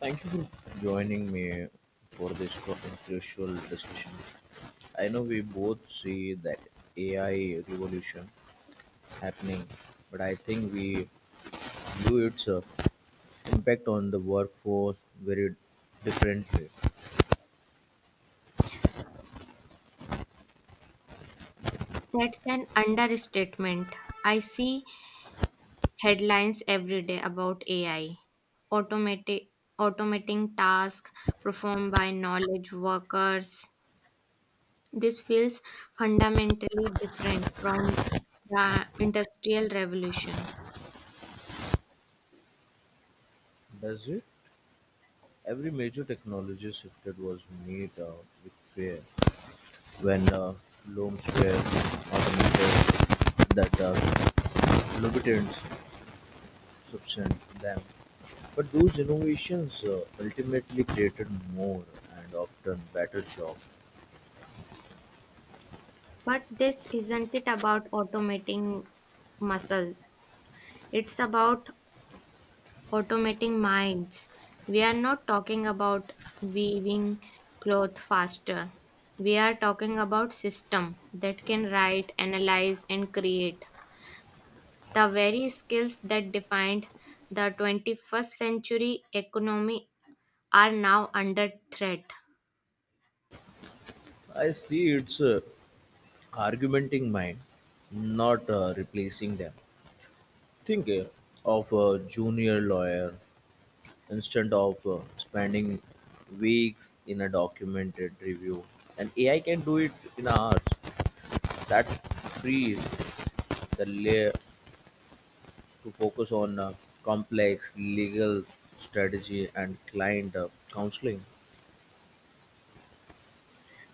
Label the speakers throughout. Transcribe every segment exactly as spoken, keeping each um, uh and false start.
Speaker 1: Thank you for joining me for this co- crucial discussion. I know we both see that A I revolution happening, but I think we view its uh, impact on the workforce very differently.
Speaker 2: That's an understatement. I see headlines every day about A I, automati- automating tasks performed by knowledge workers. This feels fundamentally different from the Industrial Revolution.
Speaker 1: Does it? Every major technology shifted was made uh, with fear when uh, looms were automated that uh, lubricants substance them. But those innovations uh, ultimately created more and often better jobs.
Speaker 2: But this isn't it about automating muscles. It's about automating minds. We are not talking about weaving cloth faster. We are talking about system that can write, analyze and create the very skills that defined the twenty-first century economy are now under threat.
Speaker 1: I see it's uh, argumenting mind, not uh, replacing them. Think uh, of a junior lawyer instead of uh, spending weeks in a documented review. And A I can do it in hours. That frees the layer to focus on uh, complex legal strategy and client uh, counseling.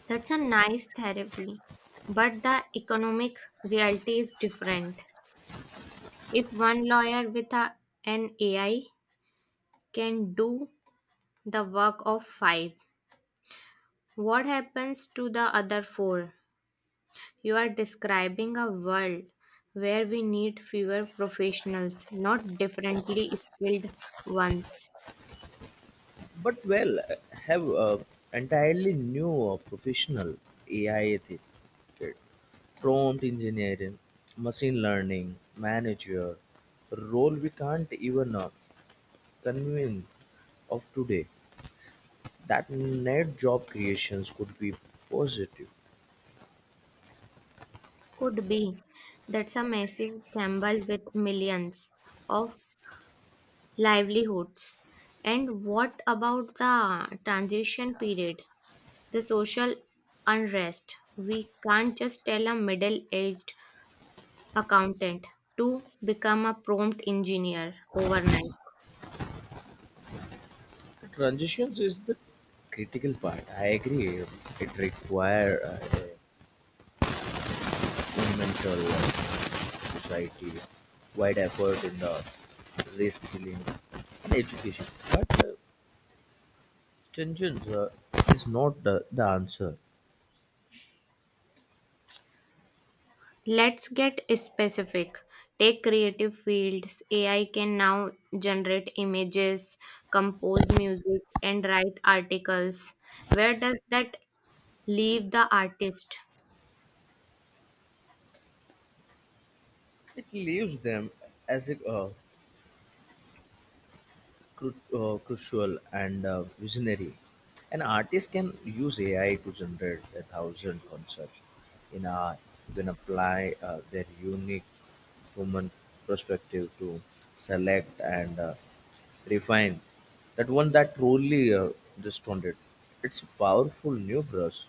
Speaker 2: That's a nice therapy, but the economic reality is different. If one lawyer with a, an A I can do the work of five, what happens to the other four? You are describing a world where we need fewer professionals, not differently skilled ones.
Speaker 1: But well uh, have uh, entirely new uh, professional ai ethic kit, prompt engineering machine learning manager role. We can't even uh, convince of today that net job creations could be positive.
Speaker 2: Could be. That's a massive gamble with millions of livelihoods. And what about the transition period? The social unrest. We can't just tell a middle aged accountant to become a prompt engineer overnight.
Speaker 1: The transitions is the critical part, I agree. It require uh, a mental society-wide effort in the race reskilling and education. But uh, stringence uh, is not the, the answer.
Speaker 2: Let's get specific. Take creative fields. A I can now generate images, compose music, and write articles. Where does that leave the artist?
Speaker 1: It leaves them as a uh, cru- uh, crucial and uh, visionary. An artist can use A I to generate a thousand concepts in a, then apply uh, their unique human perspective to select and uh, refine. That one that truly uh, distorted. It's a powerful new brush.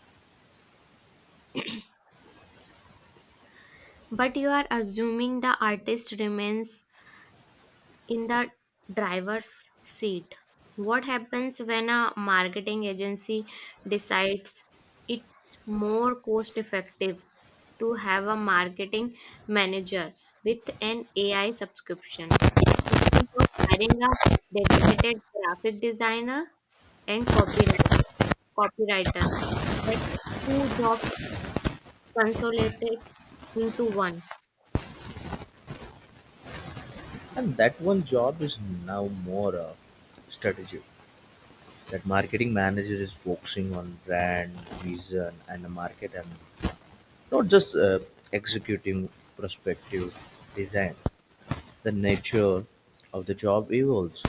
Speaker 2: But you are assuming the artist remains in the driver's seat. What happens when a marketing agency decides it's more cost effective to have a marketing manager with an A I subscription instead of hiring a dedicated graphic designer and copyright copywriter? That's two jobs consolidated into one.
Speaker 1: And that one job is now more uh, strategic. That marketing manager is focusing on brand, vision, and the market, and not just uh, executing prospective design. The nature of the job evolves.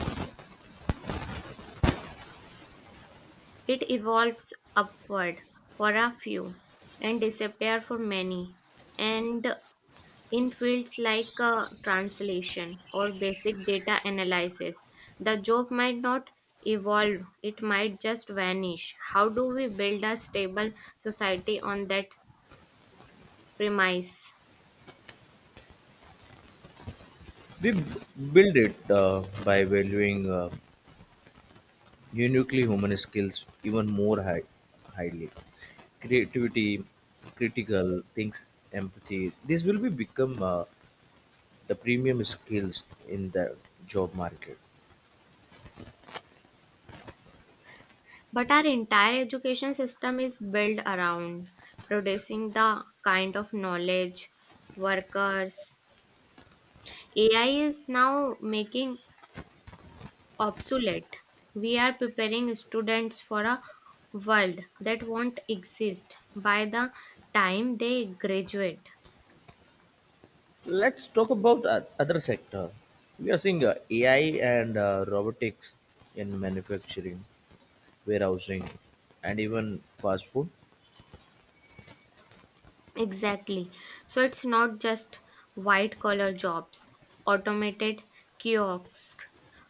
Speaker 2: It evolves upward for a few and disappears for many, and in fields like uh, translation or basic data analysis, the job might not evolve, it might just vanish. How do we build a stable society on that premise?
Speaker 1: We b- Build it uh, by valuing uh, uniquely human skills even more high, highly. Creativity, critical thinks, empathy. This will be become uh, the premium skills in the job market.
Speaker 2: But our entire education system is built around producing the kind of knowledge, workers, A I is now making obsolete. We are preparing students for a world that won't exist by the time they graduate.
Speaker 1: Let's talk about uh, other sector. We are seeing uh, A I and uh, robotics in manufacturing, warehousing, and even fast food.
Speaker 2: Exactly. So it's not just white collar jobs, automated kiosks,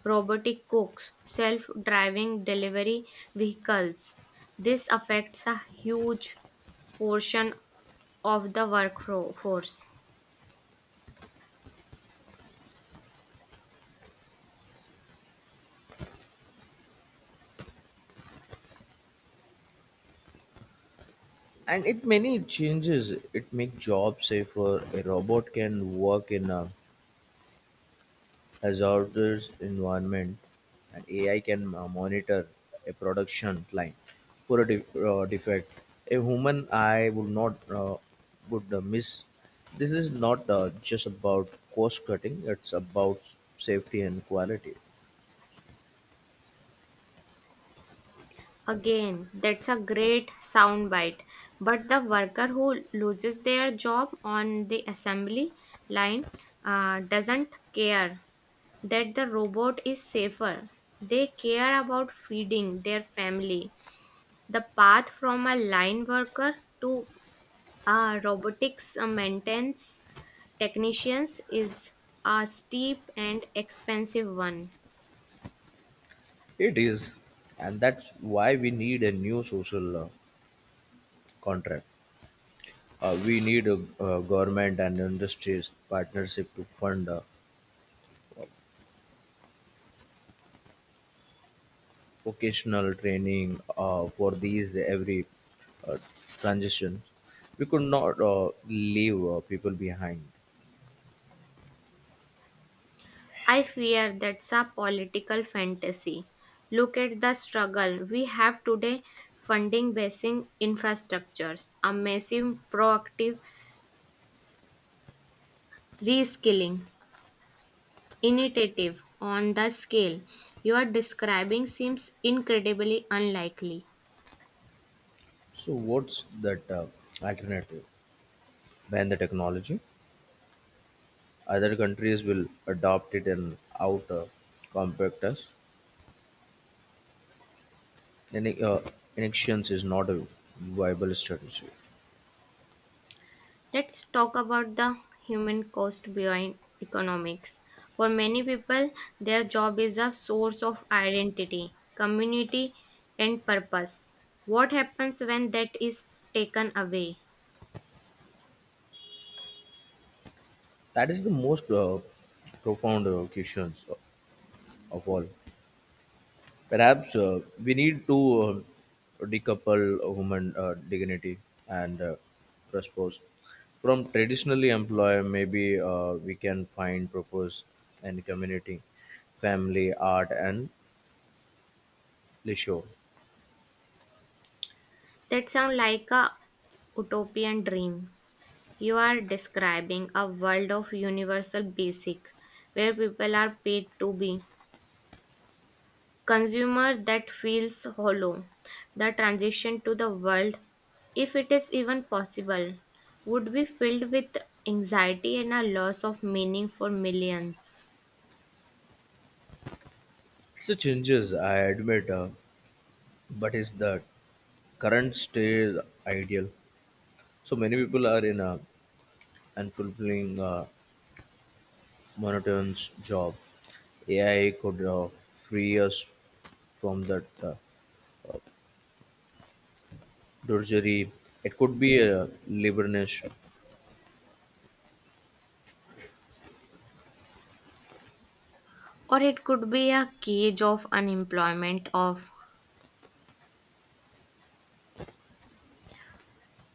Speaker 2: robotic cooks, self driving delivery vehicles. This affects a huge portion of the workforce.
Speaker 1: And it many changes. It make jobs safer. A robot can work in uh, hazardous environment, and A I can uh, monitor a production line for a def- uh, defect. A human eye would not uh, would uh, miss. This is not uh, just about cost cutting; it's about safety and quality.
Speaker 2: Again, that's a great soundbite. But the worker who loses their job on the assembly line uh, doesn't care that the robot is safer. They care about feeding their family. The path from a line worker to a robotics uh, maintenance technicians is a steep and expensive one.
Speaker 1: It is, and that's why we need a new social uh, contract. Uh, we need a, uh government and industries partnership to fund uh, vocational training uh, for these every uh, transition. We could not uh, leave uh, people behind.
Speaker 2: I fear that's a political fantasy. Look at the struggle we have today funding basic infrastructures, a massive proactive reskilling initiative on the scale you are describing seems incredibly unlikely.
Speaker 1: So, what's that uh, alternative? Ban the technology. Other countries will adopt it and out uh, compact us. Then, uh, inactions is not a viable strategy.
Speaker 2: Let's talk about the human cost behind economics. For many people, their job is a source of identity, community, and purpose. What happens when that is taken away?
Speaker 1: That is the most uh, profound uh, questions of all. Perhaps uh, we need to uh, decouple human uh, dignity and uh, purpose from traditionally employ. Maybe uh, we can find purpose in community, family, art, and leisure.
Speaker 2: That sounds like a utopian dream. You are describing a world of universal basic where people are paid to be consumer that feels hollow. The transition to the world, if it is even possible, would be filled with anxiety and a loss of meaning for millions.
Speaker 1: It's a changes, I admit, uh, but is the current state ideal? So many people are in a unfulfilling, uh, monotonous job. A I could uh, free us from that. Uh, drudgery. It could be a liberation,
Speaker 2: Or it could be a cage of unemployment, of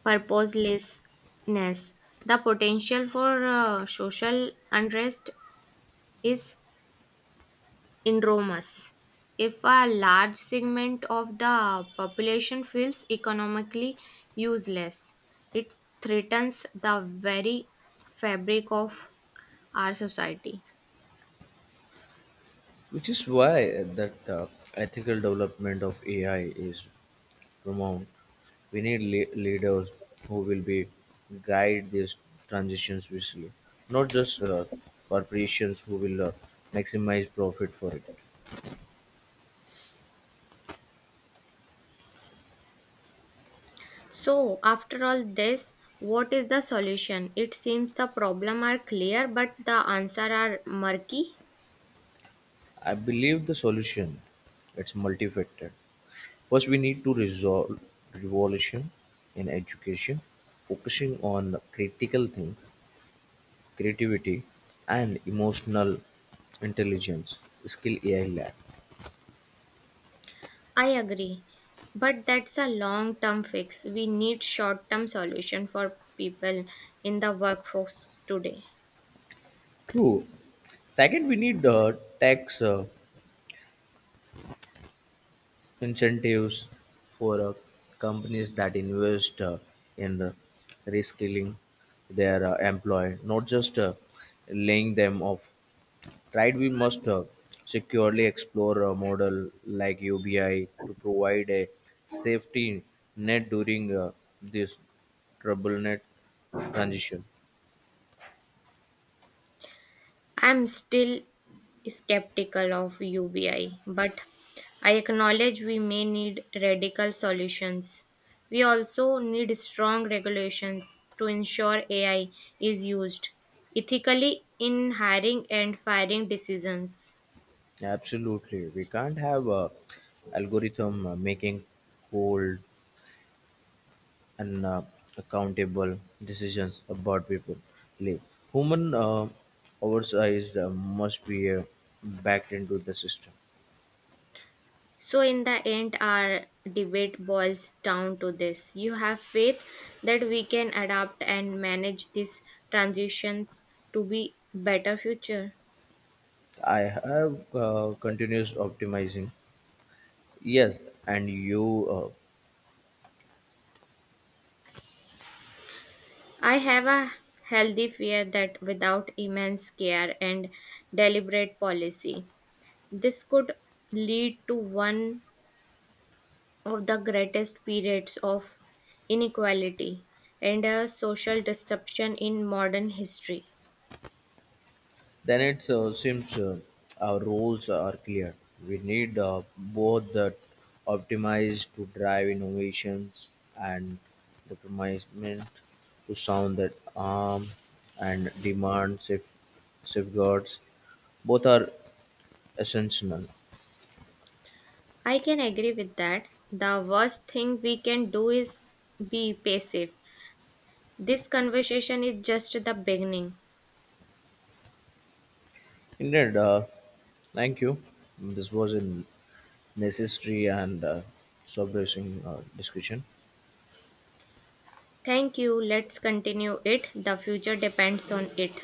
Speaker 2: purposelessness. The potential for uh, social unrest is enormous. If a large segment of the population feels economically useless, it threatens the very fabric of our society.
Speaker 1: which is why that uh, ethical development of A I is paramount. We need le- leaders who will be guide these transitions wisely, not just uh, corporations who will uh, maximize profit for it.
Speaker 2: So, after all this, what is the solution? It seems the problem are clear, but the answer are murky.
Speaker 1: I believe the solution it's multifaceted. First, we need to resolve revolution in education, focusing on critical things creativity, and emotional intelligence skill A I lab.
Speaker 2: I agree, but that's a long-term fix. We need short-term solution for people in the workforce today.
Speaker 1: True. Second, we need uh, tax uh, incentives for uh, companies that invest uh, in uh, reskilling their uh, employee, not just uh, laying them off. Right, we must uh, securely explore a model like U B I to provide a safety net during uh, this troubled net transition.
Speaker 2: I'm still skeptical of U B I, but I acknowledge we may need radical solutions. We also need strong regulations to ensure A I is used ethically in hiring and firing decisions.
Speaker 1: Absolutely. We can't have a algorithm uh, making cold and uh, accountable decisions about people live. Human uh, oversight uh, must be uh, backed into the system.
Speaker 2: So, in the end, our debate boils down to this. You have faith that we can adapt and manage these transitions to be better future.
Speaker 1: I have uh, continuous optimizing. Yes, and you uh,
Speaker 2: I have a healthy fear that without immense care and deliberate policy, this could lead to one of the greatest periods of inequality and a social disruption in modern history.
Speaker 1: then it uh, seems uh, our roles are clear. We need uh, both the optimized to drive innovations and the premisement to sound that arm and demand safe, safeguards. Both are essential.
Speaker 2: I can agree with that. The worst thing we can do is be passive. This conversation is just the beginning.
Speaker 1: Indeed, uh, thank you. This was a necessary and uh, subversing uh, discussion.
Speaker 2: Thank you. Let's continue it. The future depends on it.